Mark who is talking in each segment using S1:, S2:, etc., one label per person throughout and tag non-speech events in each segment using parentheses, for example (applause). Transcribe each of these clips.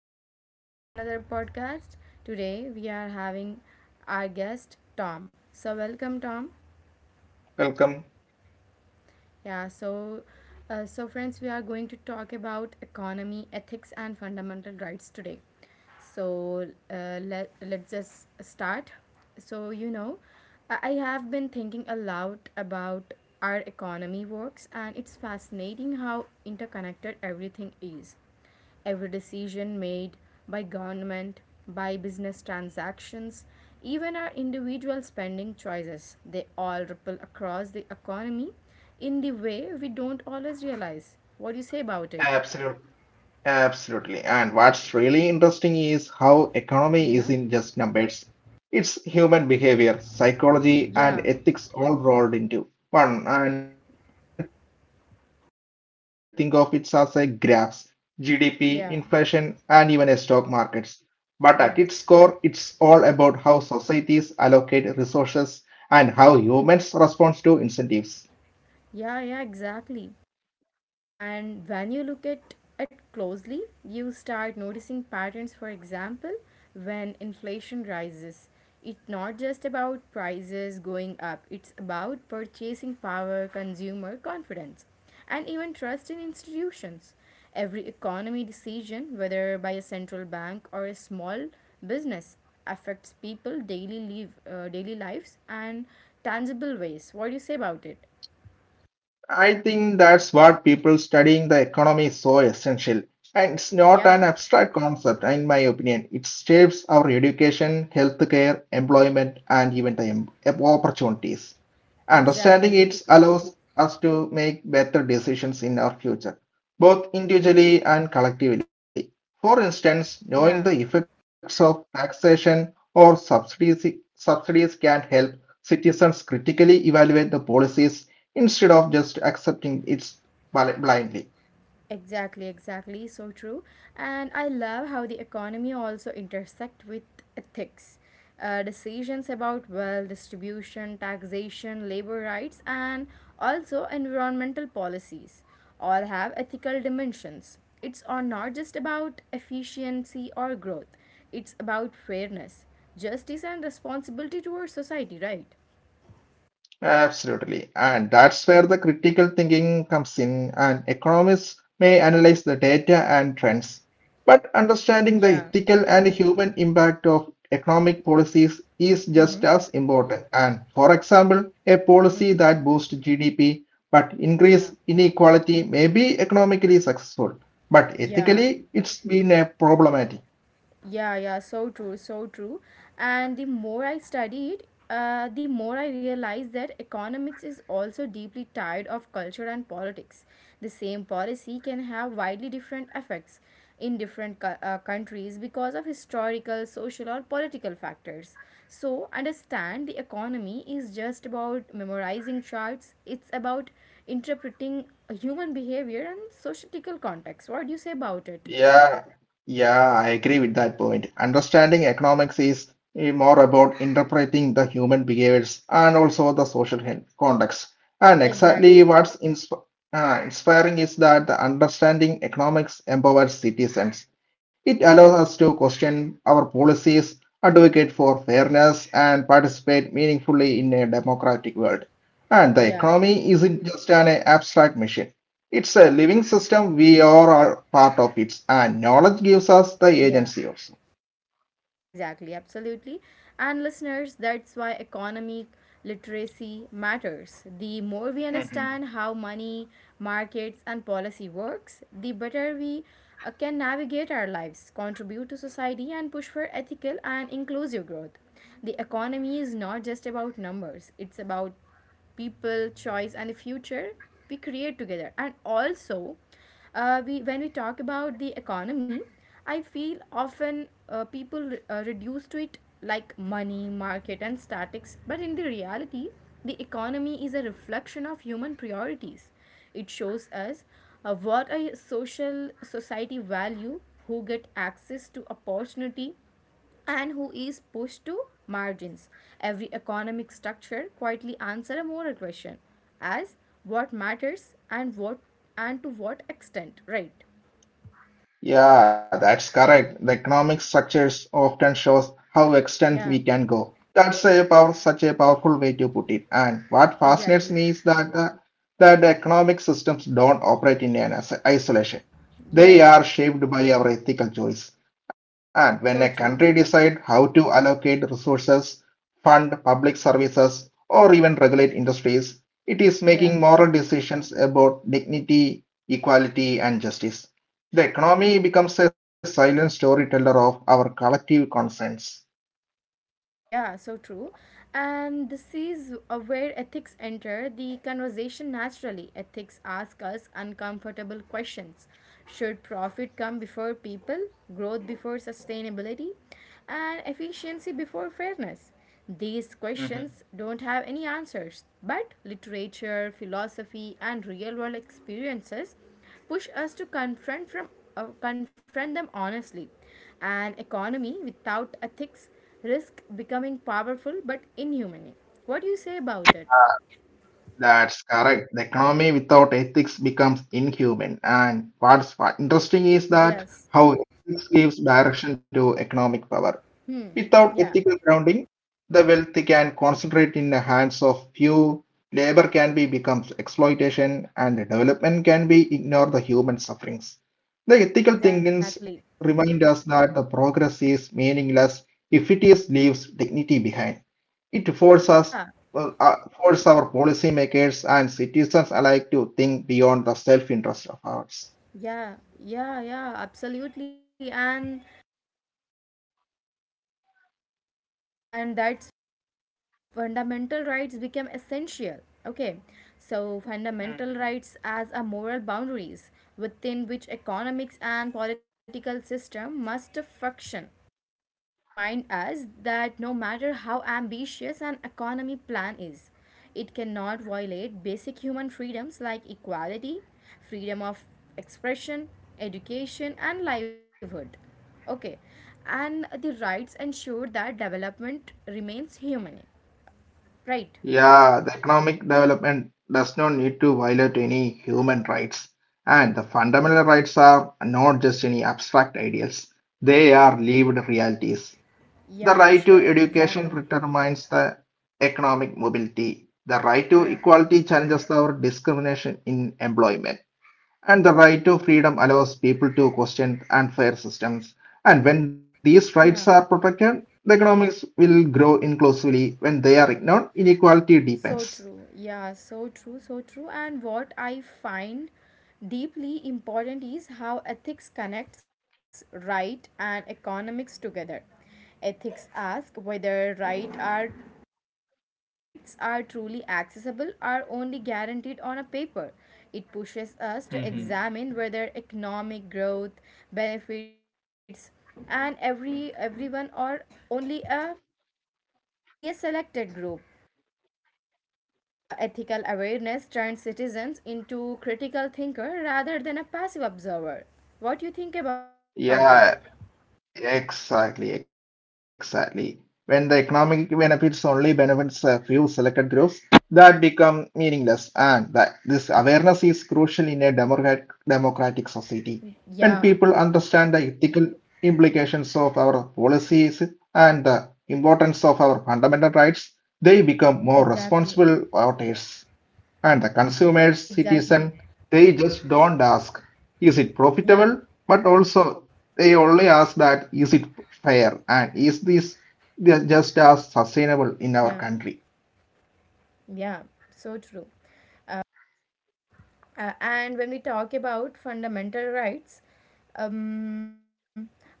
S1: welcome back to our another podcast. Today we are having our guest Tom. So welcome Tom.
S2: Welcome.
S1: Yeah, so friends, we are going to talk about economy, ethics and fundamental rights today. So let's just start. So I have been thinking a lot about our economy works, and it's fascinating how interconnected everything is. Every decision made by government, by business transactions, even our individual spending choices, they all ripple across the economy in the way we don't always realize. What do you say about it?
S2: Absolutely. Absolutely. And what's really interesting is how economy
S1: Yeah?
S2: isn't just numbers. It's human behavior, psychology, and
S1: Yeah.
S2: ethics all rolled into one. And people often think of it as a graphs, GDP, inflation, and even a stock
S1: Yeah.
S2: markets. But at its core, it's all about
S1: Yes.
S2: how societies allocate resources and how humans respond to incentives.
S1: Yeah, yeah, exactly. And when you look at it closely, you start noticing patterns. For example, when inflation rises, it's not just about prices going up, it's about purchasing power, consumer confidence, and even trust in institutions. Every economy decision, whether by a central bank or a small business, affects people daily lives and tangible ways. What do you say about it?
S2: I think that's what people studying the economy is so essential. And it's not
S1: Yeah,
S2: an abstract concept, in my opinion. It shapes our education, healthcare, employment, and even the opportunities. Understanding
S1: exactly.
S2: it allows us to make better decisions in our future, both individually and collectively. For instance,
S1: Yeah.
S2: knowing the effects of taxation or subsidies can help citizens critically evaluate the policies instead of just accepting it blindly.
S1: Exactly, exactly. So true. And I love how the economy also intersect with ethics. Decisions about wealth distribution, taxation, labor rights, and also environmental policies all have ethical dimensions. It's or not just about efficiency or growth. It's about fairness, justice, and responsibility towards society, right?
S2: Absolutely. And that's where the critical thinking comes in, and economists may analyze the data and trends. But understanding the
S1: Yeah.
S2: ethical and human impact of economic policies is just
S1: Mm-hmm.
S2: as important. And for example, a policy
S1: Mm-hmm.
S2: that boosts GDP but
S1: Yeah.
S2: increase inequality may be economically successful, but
S1: Yeah.
S2: ethically it's been a problematic.
S1: Yeah, yeah, so true, so true. And the more I studied, the more I realized that economics is also deeply tied of culture and politics. The same policy can have widely different effects in different countries because of historical, social, or political factors. So, understand the economy is just about memorizing charts. It's about interpreting human behavior and societal context. What do you say about it?
S2: Yeah, yeah, I
S1: Yeah,
S2: agree with that point. Understanding economics is more about interpreting the human behaviors and also the social context. And exactly
S1: exactly.
S2: what's inspiring is that the understanding economics empowers citizens. It allows
S1: Yeah.
S2: us to question our policies, advocate for fairness, and participate meaningfully in a democratic world. And the
S1: Yeah,
S2: economy isn't just an abstract machine. It's a living system. We are all part of it, and knowledge gives us the
S1: yeah,
S2: agency also.
S1: exactly, absolutely. And listeners, that's why economic literacy matters. The more we understand how money, markets, and policy works, the better we can navigate our lives, contribute to society, and push for ethical and inclusive growth. The economy is not just about numbers, it's about people, choice, and the future we create together. And also, we when we talk about the economy, I feel often, people reduce to it like money market and statics. But in the reality, the economy is a reflection of human priorities. It shows us, what a social society value, who get access to opportunity, and who is pushed to margins. Every economic structure quietly answers a moral question, as what matters, and what, and to what extent, right?
S2: Yeah, that's correct. The economic structures often shows how extent we
S1: Yeah,
S2: can go. That's a power, such a powerful way to put it. And what fascinates
S1: exactly.
S2: me is that the economic systems don't operate in an isolation. They are
S1: Yes,
S2: shaped by our ethical choice. And when a
S1: so
S2: country
S1: true.
S2: decides how to allocate resources, fund public services, or even regulate industries, it is
S1: Yeah.
S2: making moral decisions about dignity, equality, and justice. The economy becomes a silent storyteller of our collective conscience.
S1: Yeah, so true. And this is, where ethics enter the conversation naturally. Ethics ask us uncomfortable questions. Should profit come before people, growth before sustainability, and efficiency before fairness? These
S2: hmm
S1: questions don't have any answers, but literature, philosophy, and real world experiences push us to confront from confront them honestly. An economy without ethics risk becoming powerful but inhuman. What do you say about it?
S2: That's correct. The economy without ethics becomes inhuman. And what's interesting is that
S1: Yes.
S2: how ethics gives direction to economic power. Without
S1: Yeah,
S2: ethical grounding, the wealth can concentrate in the hands of few, labor can be becomes exploitation, and development can be ignore the human sufferings. The ethical
S1: exactly.
S2: thinkings remind us that the progress is meaningless if it is leaves dignity behind. It forces us
S1: Yeah,
S2: force our policymakers and citizens alike to think beyond the self-interest of ours.
S1: yeah, yeah, yeah, absolutely. And that's, fundamental rights become essential. Okay. So fundamental rights as a moral boundaries within which economics and political system must function, remind us that no matter how ambitious an economy plan is, it cannot violate basic human freedoms like equality, freedom of expression, education, and livelihood. Okay, and the rights ensure that development remains human, right?
S2: Yeah, the economic development does not need to violate any human rights. And the fundamental rights are not just any abstract ideals, they are lived realities. The
S1: Yeah,
S2: right to
S1: sure,
S2: education
S1: exactly.
S2: determines the economic mobility. The right to
S1: Yeah,
S2: equality challenges our discrimination in employment and the right to freedom allows people to question unfair systems. And when these rights are
S1: yeah.
S2: protected, the economics will grow inclusively. When they are ignored, inequality
S1: So
S2: deepens.
S1: true. Yeah, so true, so true. And what I find deeply important is how ethics connects right and economics together. Ethics ask whether rights are truly accessible are only guaranteed on a paper. It pushes us to examine whether economic growth benefits and everyone, or only a only a selected group. Ethical awareness turns citizens into critical thinker rather than a passive observer. What do you think about it?
S2: Yeah, exactly, exactly. When the economic benefits only benefits a few selected groups, that become meaningless, and that this awareness is crucial in a democratic society. When
S1: Yeah,
S2: people understand the ethical implications of our policies and the importance of our fundamental rights, they become more
S1: exactly.
S2: responsible voters. And the consumer
S1: Exactly.
S2: citizen, they just don't ask, is it
S1: Yeah,
S2: profitable? But also, they only ask that, is it fair? And is this they just as
S1: yeah,
S2: sustainable in our country?
S1: yeah. So true. And when we talk about fundamental rights, um,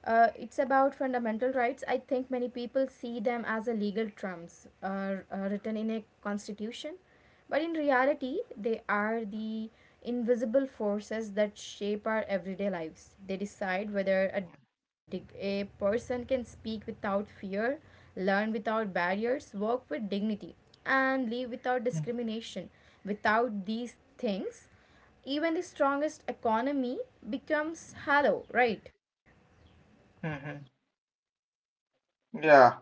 S1: it's about fundamental rights. I think many people see them as a legal terms, written in a constitution, but in reality, they are the invisible forces that shape our everyday lives. They decide whether a person can speak without fear, learn without barriers, work with dignity, and live without discrimination. Without these things, even the strongest economy becomes hollow, right?
S2: Mhm. Yeah,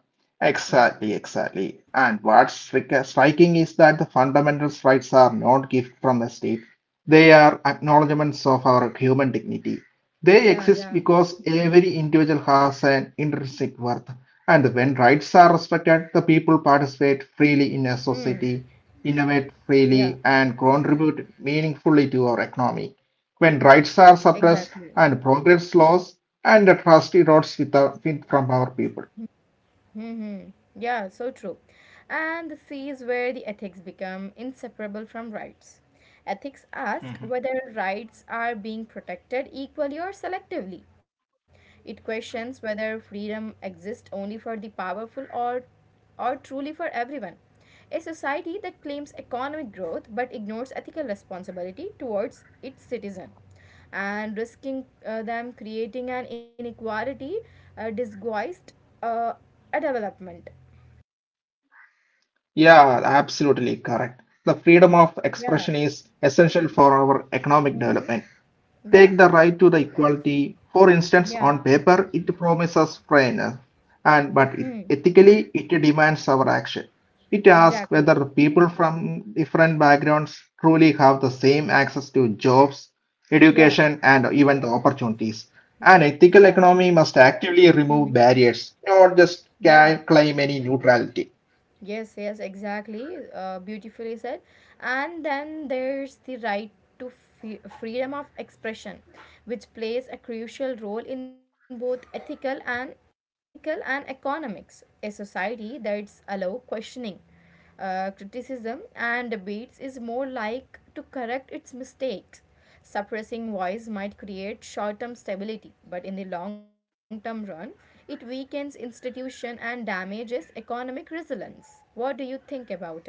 S1: Yeah,
S2: exactly, exactly. And what's striking is that the fundamentals rights are not gift from the state. They are acknowledgements of our human dignity. They
S1: yeah,
S2: exist
S1: yeah.
S2: because every individual has an intrinsic worth. And when rights are respected, the people participate freely in a
S1: Hmm.
S2: society, innovate
S1: Yeah,
S2: freely, and contribute meaningfully to our economy. When rights are
S1: exactly.
S2: suppressed and progress slows, and the trust erodes with from our people.
S1: Hmm. Hmm. Yeah, so true. And this is where the ethics become inseparable from rights. Ethics ask whether rights are being protected equally or selectively. It questions whether freedom exists only for the powerful, or truly for everyone. A society that claims economic growth but ignores ethical responsibility towards its citizen and risking, them creating an inequality, disguised, uh, a development.
S2: Yeah, absolutely correct. The freedom of
S1: Yeah.
S2: expression is essential for our economic
S1: Mhm.
S2: development.
S1: Yeah,
S2: Take the right to the equality. For instance,
S1: yeah,
S2: on paper, it promises fairness, and but
S1: hmm,
S2: it, ethically, it demands our action. It asks
S1: exactly.
S2: whether people from different backgrounds truly have the same access to jobs,
S1: Yeah,
S2: education, and even the opportunities. An
S1: yeah,
S2: ethical economy must actively
S1: mm-hmm.
S2: remove barriers, not just
S1: Yeah,
S2: claim any neutrality.
S1: yes, yes, exactly. Beautifully said. And then there's the right to fe freedom of expression, which plays a crucial role in both ethical and economics. A society that's allow questioning, criticism, and debates is more like to correct its mistakes. Suppressing voice might create short-term stability, but in the long-term run, it weakens institution and damages economic resilience. What do you think about it?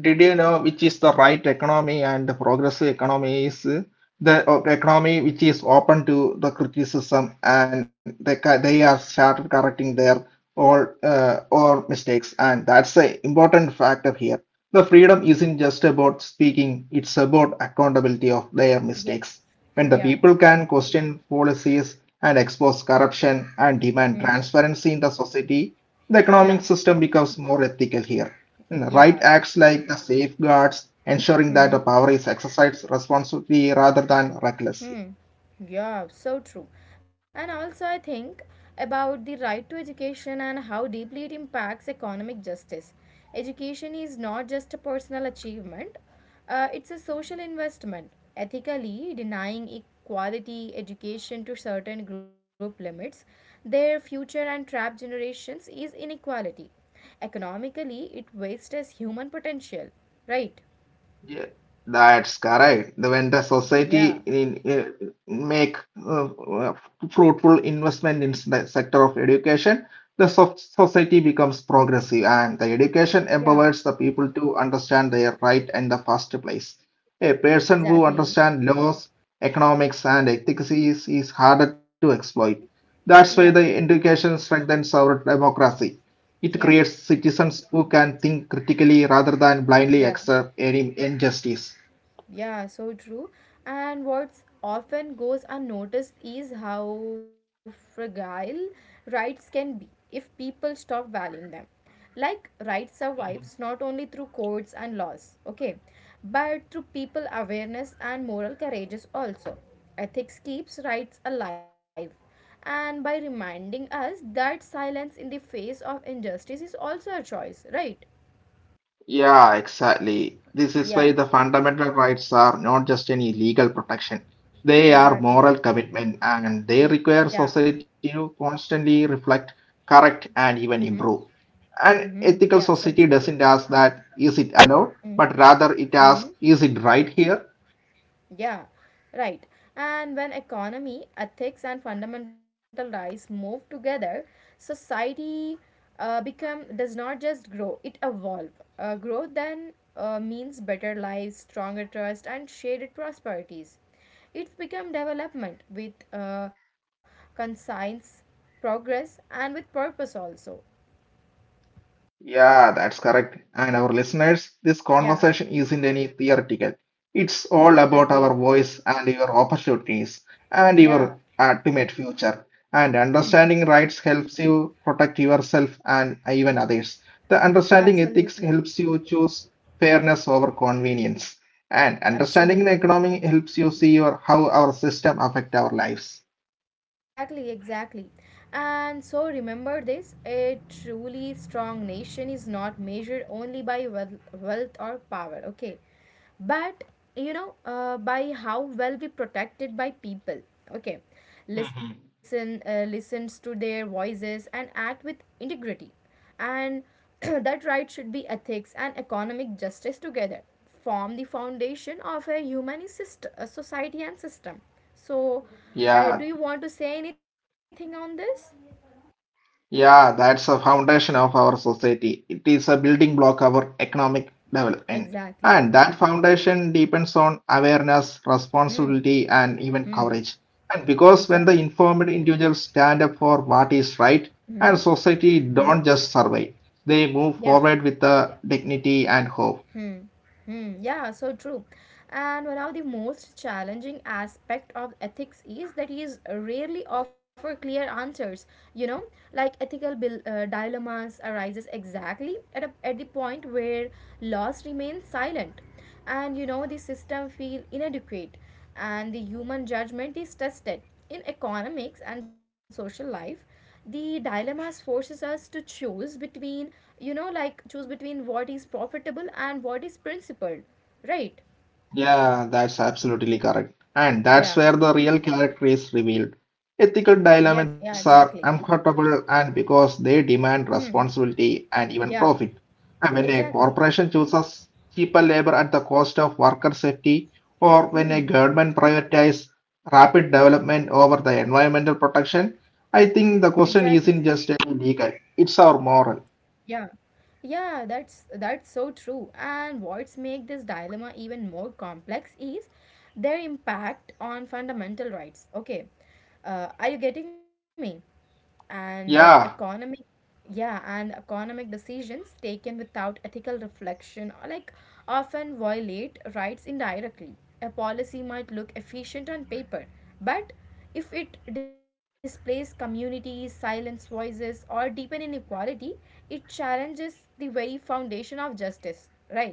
S2: Did you know which is the right economy and the progressive economy is the economy which is open to the criticism and they are started correcting their or mistakes and that's the important factor here. The freedom isn't just about speaking; it's about accountability of their
S1: Yeah.
S2: mistakes. When the
S1: Yeah.
S2: people can question policies and expose
S1: Hmm.
S2: corruption and demand
S1: Hmm.
S2: transparency in the society, the
S1: Yeah.
S2: economic system becomes more ethical here. And the right
S1: Yeah.
S2: acts like the safeguards, ensuring that the
S1: Hmm.
S2: power is exercised responsibly rather than recklessly.
S1: Hmm. Yeah, so true. And also, I think about the right to education and how deeply it impacts economic justice. Education is not just a personal achievement, it's a social investment. Ethically, denying equality education to certain group limits their future and trap generations is inequality. Economically, it wastes human potential. Right?
S2: Yeah, that's correct. The when the society
S1: Yeah,
S2: make uh, uh, fruitful investment in the sector of education, the society becomes progressive, and the education empowers
S1: yeah,
S2: the people to understand their right in the first place. A person who
S1: exactly.
S2: understands laws, economics, and ethics is harder to exploit.
S1: Mm-hmm.
S2: That's why the
S1: Yeah.
S2: education strengthens our democracy. It creates
S1: Yeah,
S2: citizens who can think critically rather than blindly
S1: yeah,
S2: accept any injustice.
S1: yeah, so true. And what's often goes unnoticed is how fragile rights can be if people stop valuing them. Like, rights survives not only through courts and laws, okay, but through people awareness and moral courageous also. Ethics keeps rights alive and by reminding us that silence in the face of injustice is also a choice, right?
S2: Yeah, exactly. This is why
S1: Yeah,
S2: the fundamental rights are not just any legal protection. They are
S1: exactly.
S2: moral commitment and they
S1: Yeah.
S2: require society to constantly reflect, correct, and even
S1: Mm-hmm.
S2: improve. An
S1: Mm-hmm. Yeah,
S2: ethical
S1: so true.
S2: society doesn't ask that, is it allowed?
S1: Mm-hmm.
S2: But rather it
S1: Mm-hmm.
S2: asks, is it right here?
S1: Yeah, right. And when economy, ethics, and fundamental rights move together, society become does not just grow; it evolve. Growth then, means better lives, stronger trust, and shared prosperities. It's become development with, conscience, progress, and with purpose also.
S2: Yeah, that's correct. And our listeners, this
S1: Yeah,
S2: conversation isn't any theoretical. It's all about our
S1: exactly.
S2: voice and your opportunities and
S1: Yeah.
S2: your ultimate future. And
S1: Hmm.
S2: understanding rights helps you protect yourself and even others. The understanding ethics
S1: Absolutely.
S2: helps you choose fairness over convenience. And understanding the
S1: Absolutely.
S2: economy helps you see your, how our system affect our lives.
S1: Exactly, exactly. And so remember this, a truly strong nation is not measured only by wealth or power, okay? But, by how well we protected by people, okay? Listens to their voices and act with integrity. And (clears throat) that right should be ethics and economic justice together form the foundation of a human a society and system. So do
S2: Yeah,
S1: you want to say anything on this?
S2: yeah, that's the foundation of our society. It is a building block of our economic development.
S1: Exactly.
S2: And that foundation depends on awareness,
S1: Hmm.
S2: responsibility, and even courage. And because when the
S1: Exactly.
S2: informed individuals stand up for what is
S1: Hmm.
S2: right, and society don't just survive, they move
S1: Yeah.
S2: forward with the dignity and hope.
S1: Hmm. Hmm. Yeah, so true. And one of the most challenging aspect of ethics is that is rarely offer clear answers. You know, like ethical dilemmas arises exactly at the point where laws remain silent, and the system feel inadequate, and the human judgment is tested in economics and social life, the dilemmas forces us to choose between, like, choose between what is profitable and what is principled, right?
S2: Yeah, that's absolutely correct. And that's
S1: Yeah.
S2: where the real character is revealed. Ethical
S1: Yeah. Yeah.
S2: dilemmas
S1: Exactly.
S2: are uncomfortable and because they demand
S1: Hmm.
S2: responsibility and even
S1: Yeah.
S2: profit. And when a
S1: Exactly.
S2: corporation chooses cheaper labor at the cost of worker safety, or when
S1: Hmm.
S2: a government prioritizes rapid development over the environmental protection, I think the
S1: Exactly.
S2: question isn't just a legal, it's our moral.
S1: Yeah. Yeah, that's so true. And what's make this dilemma even more complex is their impact on fundamental rights. Okay. Are you getting me? And economic
S2: Yeah,
S1: yeah, and economic decisions taken without ethical reflection are like often violate rights indirectly. A policy might look efficient on paper, but if it displays communities, silence voices, or deepen inequality, it challenges the very foundation of justice, right?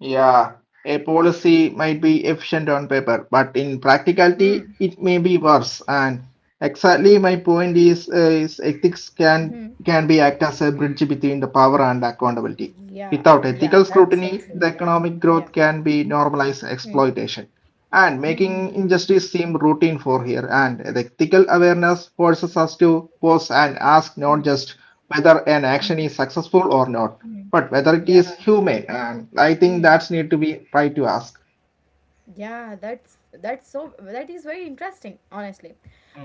S2: yeah, a policy might be efficient on paper, but in practicality,
S1: Hmm.
S2: it may be worse. And exactly my point is ethics
S1: Hmm.
S2: can be act as a bridge between the power and accountability.
S1: Yeah,
S2: Without ethical
S1: yeah, that's
S2: scrutiny,
S1: so
S2: the
S1: true.
S2: economic growth
S1: Yeah.
S2: can be normalized
S1: Hmm.
S2: exploitation and
S1: Hmm.
S2: making
S1: Hmm.
S2: injustice seem routine for here. And the ethical
S1: It's-
S2: awareness forces us to pause and ask not
S1: Hmm.
S2: just whether an action is
S1: Hmm.
S2: successful or not but
S1: Hmm.
S2: whether it is
S1: Yeah.
S2: humane and I think that's
S1: Hmm.
S2: need to be try to ask
S1: Yeah, that is very interesting, honestly.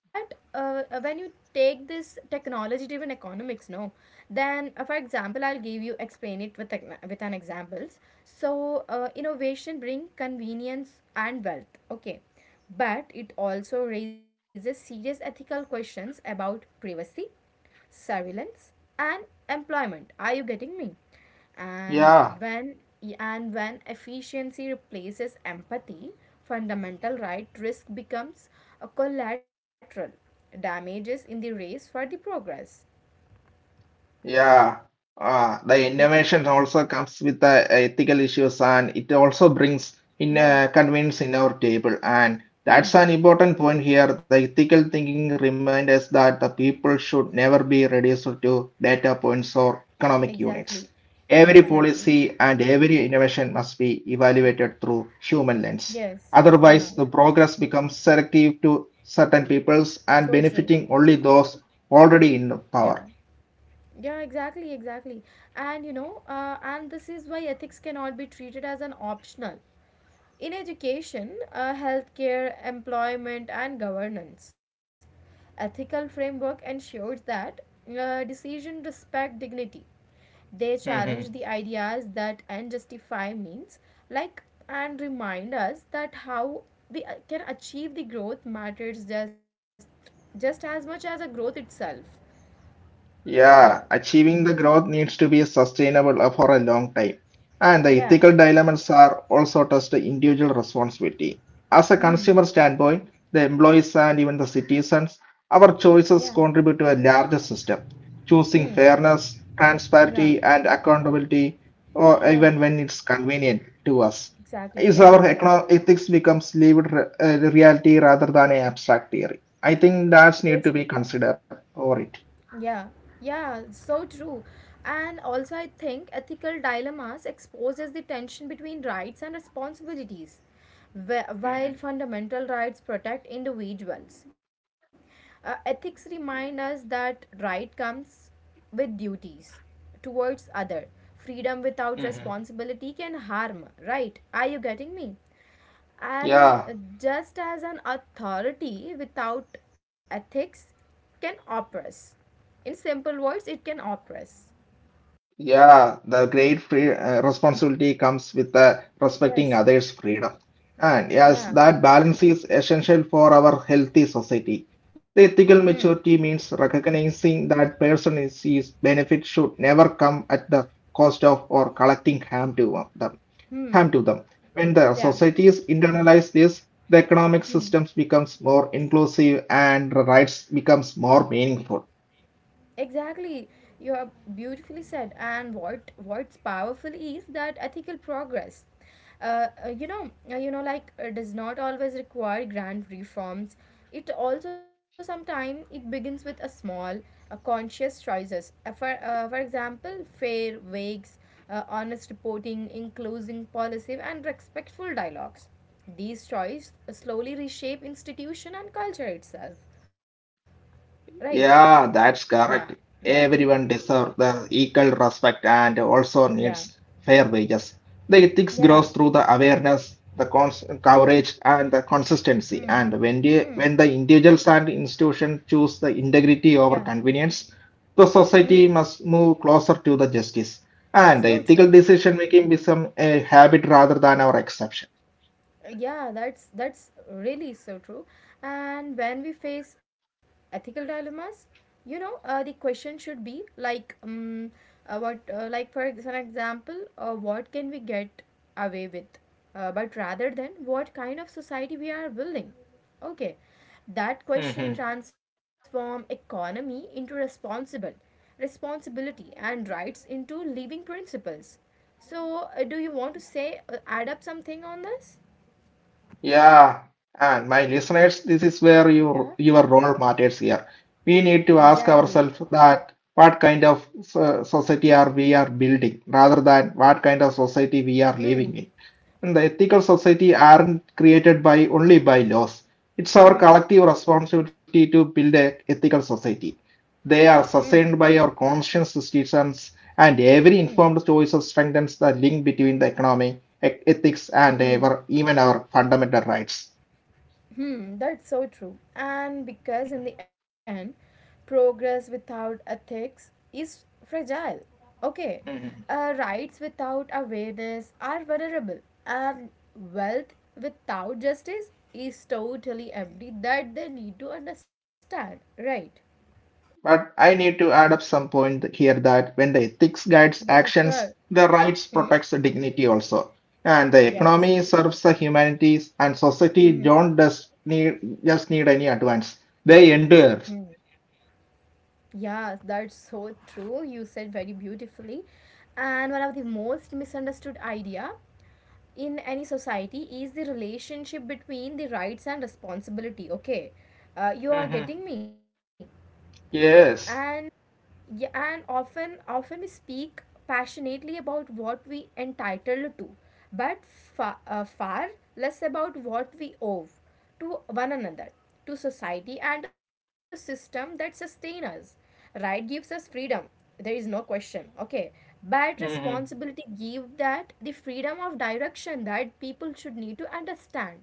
S1: But when you take this technology-driven economics, no, then for example, I'll give you explain it with with an examples. So innovation bring convenience and wealth, okay, but it also raises serious ethical questions about privacy, surveillance, and employment. Are you getting me? And
S2: yeah
S1: when efficiency replaces empathy, fundamental right risk becomes a collateral damages in the race for the progress.
S2: Yeah, the
S1: Yeah.
S2: innovation also comes with the ethical issues and it also brings in
S1: Yeah.
S2: convenience in our table. And that's
S1: Hmm.
S2: an important point here. The ethical thinking reminds us that the people should never be reduced to data points or economic units.
S1: Exactly.
S2: Every
S1: Exactly.
S2: policy and every innovation must be evaluated through human lens.
S1: Yes. Yeah,
S2: Otherwise, the progress becomes selective to certain
S1: so
S2: peoples
S1: true.
S2: and benefiting only those already in
S1: Yeah.
S2: power.
S1: Yeah, exactly, exactly. And you know uh, and this is why ethics cannot be treated as an optional. In education, healthcare, employment, and governance, ethical framework ensures that, decisions respect dignity. They challenge the ideas that and justify means, like and remind us that how we, can achieve the growth matters just as much as a growth itself. Yeah.
S2: Yeah, achieving the growth needs to be sustainable for a long time. And the
S1: Yeah.
S2: ethical dilemmas are also just the individual responsibility. As a
S1: Hmm.
S2: consumer standpoint, the employees and even the citizens, our choices
S1: Yeah.
S2: contribute to a larger system. Choosing
S1: Hmm.
S2: fairness,
S1: Yeah.
S2: transparency, and accountability, or
S1: Yeah.
S2: even when it's convenient to us,
S1: Exactly.
S2: is our
S1: Exactly.
S2: ethics becomes lived reality rather than an abstract theory. I think
S1: So
S2: that's
S1: true.
S2: need to be considered over it.
S1: Yeah, yeah, so true. And also, I think ethical dilemmas exposes the tension between rights and responsibilities, while fundamental rights protect individuals. Ethics remind us that right comes with duties towards other. Freedom without responsibility can harm, right? Are you getting me?
S2: Yeah.
S1: And just as an authority without ethics can oppress. In simple words, it can oppress.
S2: Yeah, the great free responsibility comes with respecting
S1: Yes.
S2: others' freedom. And yes,
S1: Yeah.
S2: that balance is essential for our healthy society. The
S1: Hmm.
S2: ethical maturity means recognizing that person's is benefit should never come at the cost of or collecting harm to them. Harm
S1: Hmm.
S2: to them. When the
S1: Yeah.
S2: societies internalize this, the economic
S1: Hmm.
S2: systems becomes more inclusive and rights becomes more meaningful.
S1: Exactly. You are beautifully said. And what's powerful is that ethical progress. You know, like Does not always require grand reforms. It also sometimes it begins with a small, a conscious choices. For example, fair wakes, honest reporting, inclusive policy, and respectful dialogues. These choices slowly reshape institution and culture itself. Right?
S2: Yeah,
S1: Yeah.
S2: that's correct.
S1: Yeah.
S2: Everyone deserves the equal respect and also
S1: Yeah.
S2: needs fair wages. The ethics
S1: Yeah.
S2: grows through the awareness, the cons coverage, and the consistency.
S1: Hmm.
S2: And
S1: Hmm.
S2: when the individuals and institutions choose the
S1: Yeah.
S2: integrity over convenience, the
S1: Hmm.
S2: society must move closer to the justice. And
S1: So
S2: ethical
S1: true.
S2: decision making become a habit rather than our exception.
S1: Yeah, that's really so true. And when we face ethical dilemmas, you know, the question should be like what, like an example, what can we get away with, but rather than what kind of society we are building. Okay, that
S2: Mhm.
S1: question transform economy into responsible responsibility, and rights into living principles. So do you want to say, add up something on this?
S2: Yeah, and my listeners, this is where
S1: Yeah,
S2: your role matters here. We need to ask
S1: exactly.
S2: ourselves that what kind of society are we are building rather than what kind of society we are living in.
S1: Hmm.
S2: And the ethical
S1: Yeah.
S2: society aren't created by only by laws. It's our
S1: Hmm.
S2: collective responsibility to build an ethical society. They are
S1: Hmm.
S2: sustained by our conscious citizens, and every
S1: Hmm. Hmm.
S2: informed choice strengthens the link between the economy, ethics, and our,
S1: Hmm.
S2: even our fundamental rights.
S1: Hmm. That's so true. And because in the end, progress without ethics is fragile. Okay. Rights without awareness are vulnerable, and wealth without justice is totally empty. That they need to understand. Right.
S2: But I need to add up some point here that when the ethics guides
S1: Yeah.
S2: actions,
S1: Sure.
S2: the rights protects the dignity also. And the
S1: Yes.
S2: economy serves the humanities and society don't just need any advance. They endure.
S1: Yes, that's so true. You said very beautifully. And one of the most misunderstood idea in any society is the relationship between the rights and responsibility. Okay, you are getting me. And
S2: Yes.
S1: yeah, and often we speak passionately about what we entitled to, but far less about what we owe to one another, to society, and to system that sustain us. Right gives us freedom. There is no question. Okay, but
S2: Mm-hmm.
S1: responsibility give that the freedom of direction that people should need to understand.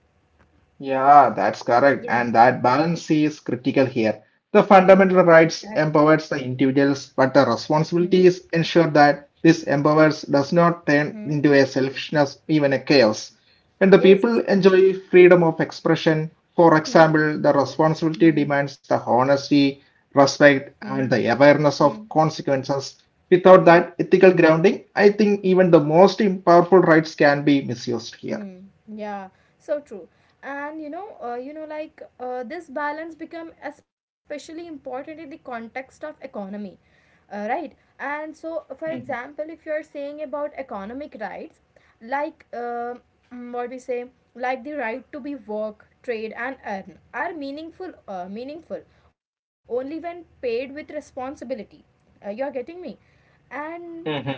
S2: Yeah, that's correct.
S1: Yeah.
S2: And that balance is critical here.
S1: Hmm.
S2: The fundamental
S1: Exactly.
S2: rights empowers the individuals, but the
S1: Hmm.
S2: responsibility is ensure that this empowers does not turn
S1: Hmm.
S2: into a selfishness, even a chaos. And the
S1: Yes.
S2: people enjoy freedom of expression. For
S1: Hmm.
S2: example, the responsibility
S1: Hmm.
S2: demands the honesty, respect,
S1: Hmm.
S2: and the
S1: Hmm.
S2: awareness of consequences. Without
S1: Hmm.
S2: that ethical grounding, I think even the most powerful rights can be misused here.
S1: Hmm. Yeah. So true. And this balance become especially important in the context of economy, right? And so, for
S2: Mhm.
S1: example, if you are saying about economic rights, like what we say, like the right to be work, trade, and earn are meaningful, meaningful only when paid with responsibility. You are getting me, and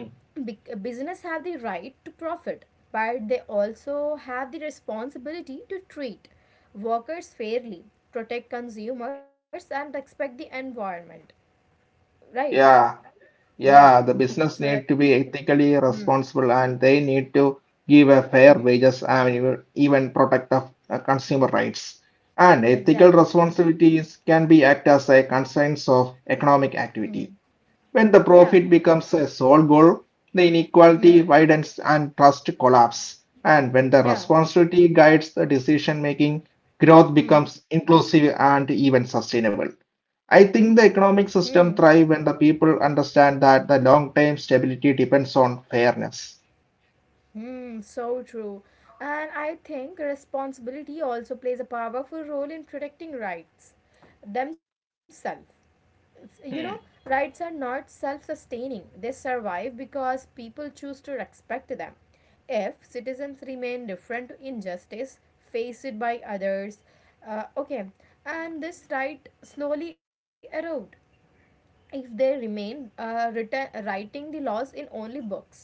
S1: Business have the right to profit, but they also have the responsibility to treat workers fairly, protect consumers, and respect the environment, right?
S2: Yeah,
S1: Yeah,
S2: Yeah, the
S1: so
S2: business
S1: that.
S2: need to be ethically
S1: Hmm.
S2: responsible and they need to give a fair
S1: Hmm.
S2: wages and even protect of consumer rights. And ethical
S1: Exactly.
S2: responsibilities can be act as a constraints of economic
S1: Hmm.
S2: activity. When
S1: Yeah.
S2: the profit becomes a sole goal, the
S1: Hmm.
S2: inequality widens and trust collapses. And when the
S1: Yeah.
S2: responsibility guides the decision making, growth
S1: Hmm.
S2: becomes inclusive and even sustainable. I think the economic
S1: Hmm.
S2: system thrives when the people understand that the long-term stability depends on fairness.
S1: Hmm. So true. And I think responsibility also plays a powerful role in protecting rights themselves, you know. Rights are not self-sustaining, they survive because people choose to respect them. If citizens remain different to injustice faced by others, okay, and this right slowly erode if they remain writing the laws in only books.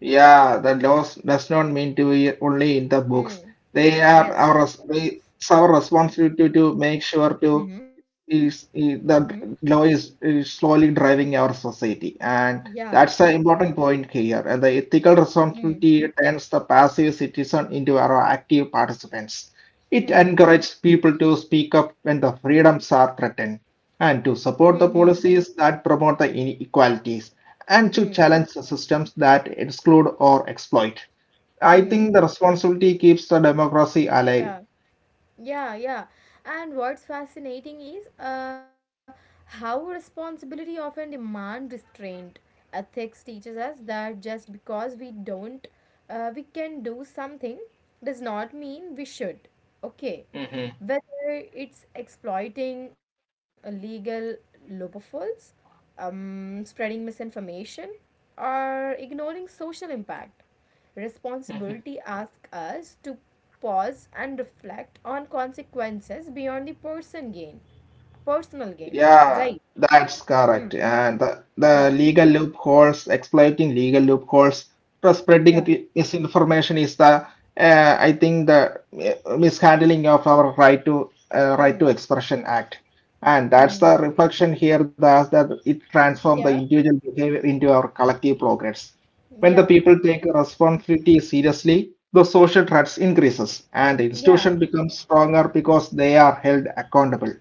S2: Yeah, the laws does not mean to be only in the books.
S1: Hmm.
S2: They are
S1: Yes.
S2: our res- they- It's our responsibility to make sure to
S1: Hmm. Hmm.
S2: is the law is slowly driving our society, and
S1: Yeah.
S2: that's an important point here. And the ethical
S1: Hmm.
S2: responsibility turns the passive citizen into our active participants. It
S1: Hmm.
S2: encourages people to speak up when the freedoms are threatened, and to support
S1: Hmm.
S2: the policies that promote the inequalities, and to
S1: Hmm. Hmm.
S2: challenge the systems that exclude or exploit. I
S1: Hmm.
S2: think the responsibility keeps the democracy alive.
S1: Yeah. Yeah, yeah. And what's fascinating is how responsibility often demand restraint. Ethics teaches us that just because we don't, we can do something does not mean we should. Okay. Whether it's exploiting illegal loopholes, spreading misinformation, or ignoring social impact. Responsibility asks us to pause and reflect on consequences beyond the personal gain,
S2: Yeah,
S1: right?
S2: that's
S1: Hmm.
S2: correct. And the
S1: Yeah.
S2: legal loopholes, exploiting legal loopholes, for spreading
S1: Yeah.
S2: the misinformation is the, I think, the mishandling of our right to right
S1: Hmm.
S2: to expression act. And
S1: Hmm.
S2: that's
S1: Hmm.
S2: the reflection here that, that it transforms the
S1: Yeah.
S2: individual behavior into our collective progress. When the
S1: Yeah.
S2: people take responsibility seriously, the social threats increases and
S1: Yeah.
S2: institution becomes stronger because they are held accountable.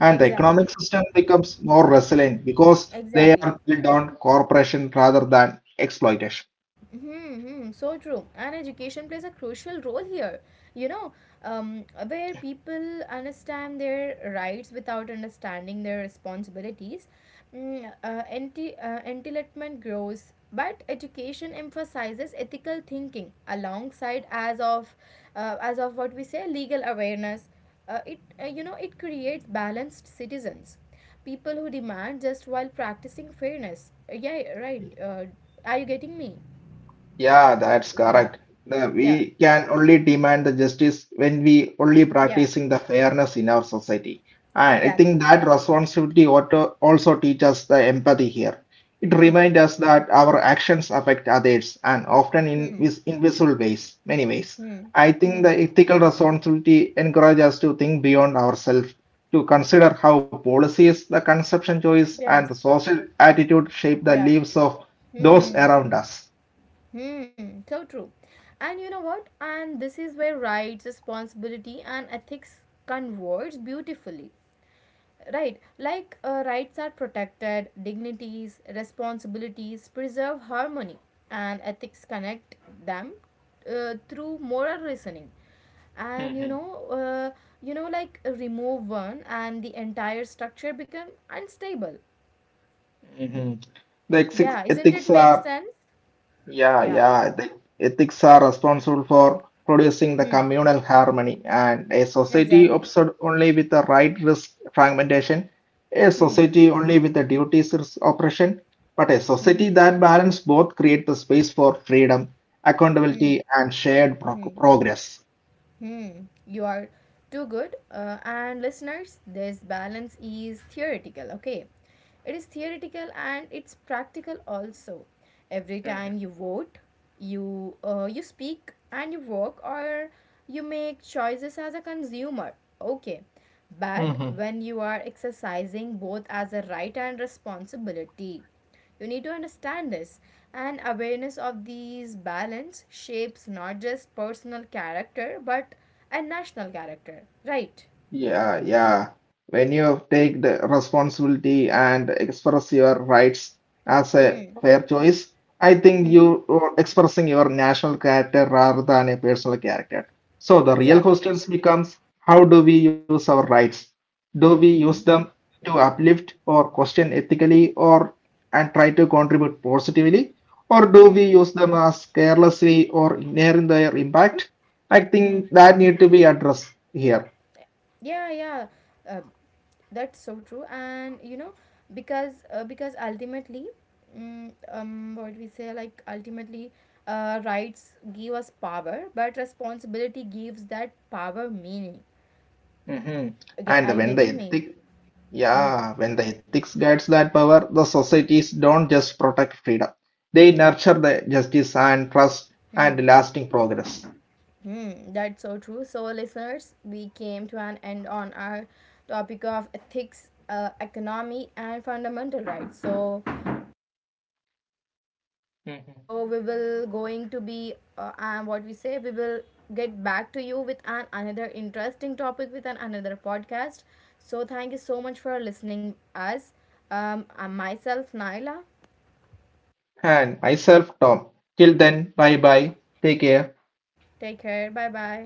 S2: And the economic
S1: Exactly.
S2: system becomes more resilient because they are
S1: Exactly.
S2: built on cooperation rather than exploitation.
S1: Mm-hmm, so true. And education plays a crucial role here. You know, where people understand their rights without understanding their responsibilities, entitlement grows. But education emphasizes ethical thinking alongside as of what we say legal awareness. It You know, it creates balanced citizens, people who demand just while practicing fairness. Yeah, right. Are you getting me?
S2: Yeah, that's
S1: Yeah,
S2: correct. The-
S1: yeah,
S2: we can only demand the justice when we only
S1: yeah,
S2: practicing the fairness in our society. And I think
S1: exactly.
S2: that responsibility also teaches the empathy here. It
S1: Hmm,
S2: reminds us that our actions affect others, and often in
S1: hmm,
S2: invisible ways, many ways.
S1: hmm,
S2: I think
S1: hmm.
S2: the ethical responsibility encourages us to think beyond ourselves, to consider how policies, the consumption choice, and the
S1: Yes,
S2: social attitude shape the
S1: yeah.
S2: lives of
S1: Hmm,
S2: those
S1: hmm,
S2: around us.
S1: hmm. So true. And you know what? And this is where rights, responsibility, and ethics converge beautifully. Right, like rights are protected, dignities, responsibilities preserve harmony, and ethics connect them through moral reasoning. And remove one, and the entire structure become unstable. Mm.
S2: The ethics
S1: Yeah, isn't it
S2: ethics
S1: make
S2: are,
S1: sense? Yeah.
S2: yeah, the ethics are responsible for producing the
S1: Hmm.
S2: communal harmony, and a society
S1: Exactly.
S2: obsessed only with the right risk fragmentation, a
S1: Hmm.
S2: society only with the duties risk oppression, but a
S1: Hmm.
S2: society that balance both create the space for freedom,
S1: Hmm.
S2: accountability, and shared
S1: Hmm.
S2: progress.
S1: Hmm, you are too good. And listeners, this balance is theoretical, okay? It is theoretical and it's practical also. Every time you vote, you you speak and you work, or you make choices as a consumer, okay? But when you are exercising both as a right and responsibility. You need to understand this. And awareness of these balance shapes not just personal character but a national character, right?
S2: Yeah, yeah. When you take the responsibility and express your rights as a
S1: Hmm.
S2: fair choice, I think
S1: Hmm.
S2: you are expressing your national character rather than a personal character. So the real
S1: Exactly.
S2: questions becomes, how do we use our rights? Do we use
S1: Hmm.
S2: them to uplift or question ethically, or and try to contribute positively? Or do
S1: Hmm.
S2: we use them as carelessly or ignoring their impact? I
S1: Hmm.
S2: think that need to be addressed here.
S1: Yeah. Yeah. Uh, that's so true. And you know, because ultimately, mm, what we say like ultimately, rights give us power, but responsibility gives that power meaning. Okay, are
S2: And
S1: you
S2: when the
S1: getting me?
S2: ethic,
S1: Hmm.
S2: yeah, When the ethics guides that power, the societies don't just protect freedom. They nurture the justice and trust and
S1: Hmm.
S2: lasting progress.
S1: Hmm, that's so true. So, listeners, we came to an end on our topic of ethics, economy, and fundamental rights. So, so we will going to be and what we say. We will get back to you with an another interesting topic with an another podcast. So, thank you so much for listening us. I'm myself Naila.
S2: And myself, Tom. Till then, bye bye. Take care.
S1: Take care. Bye bye.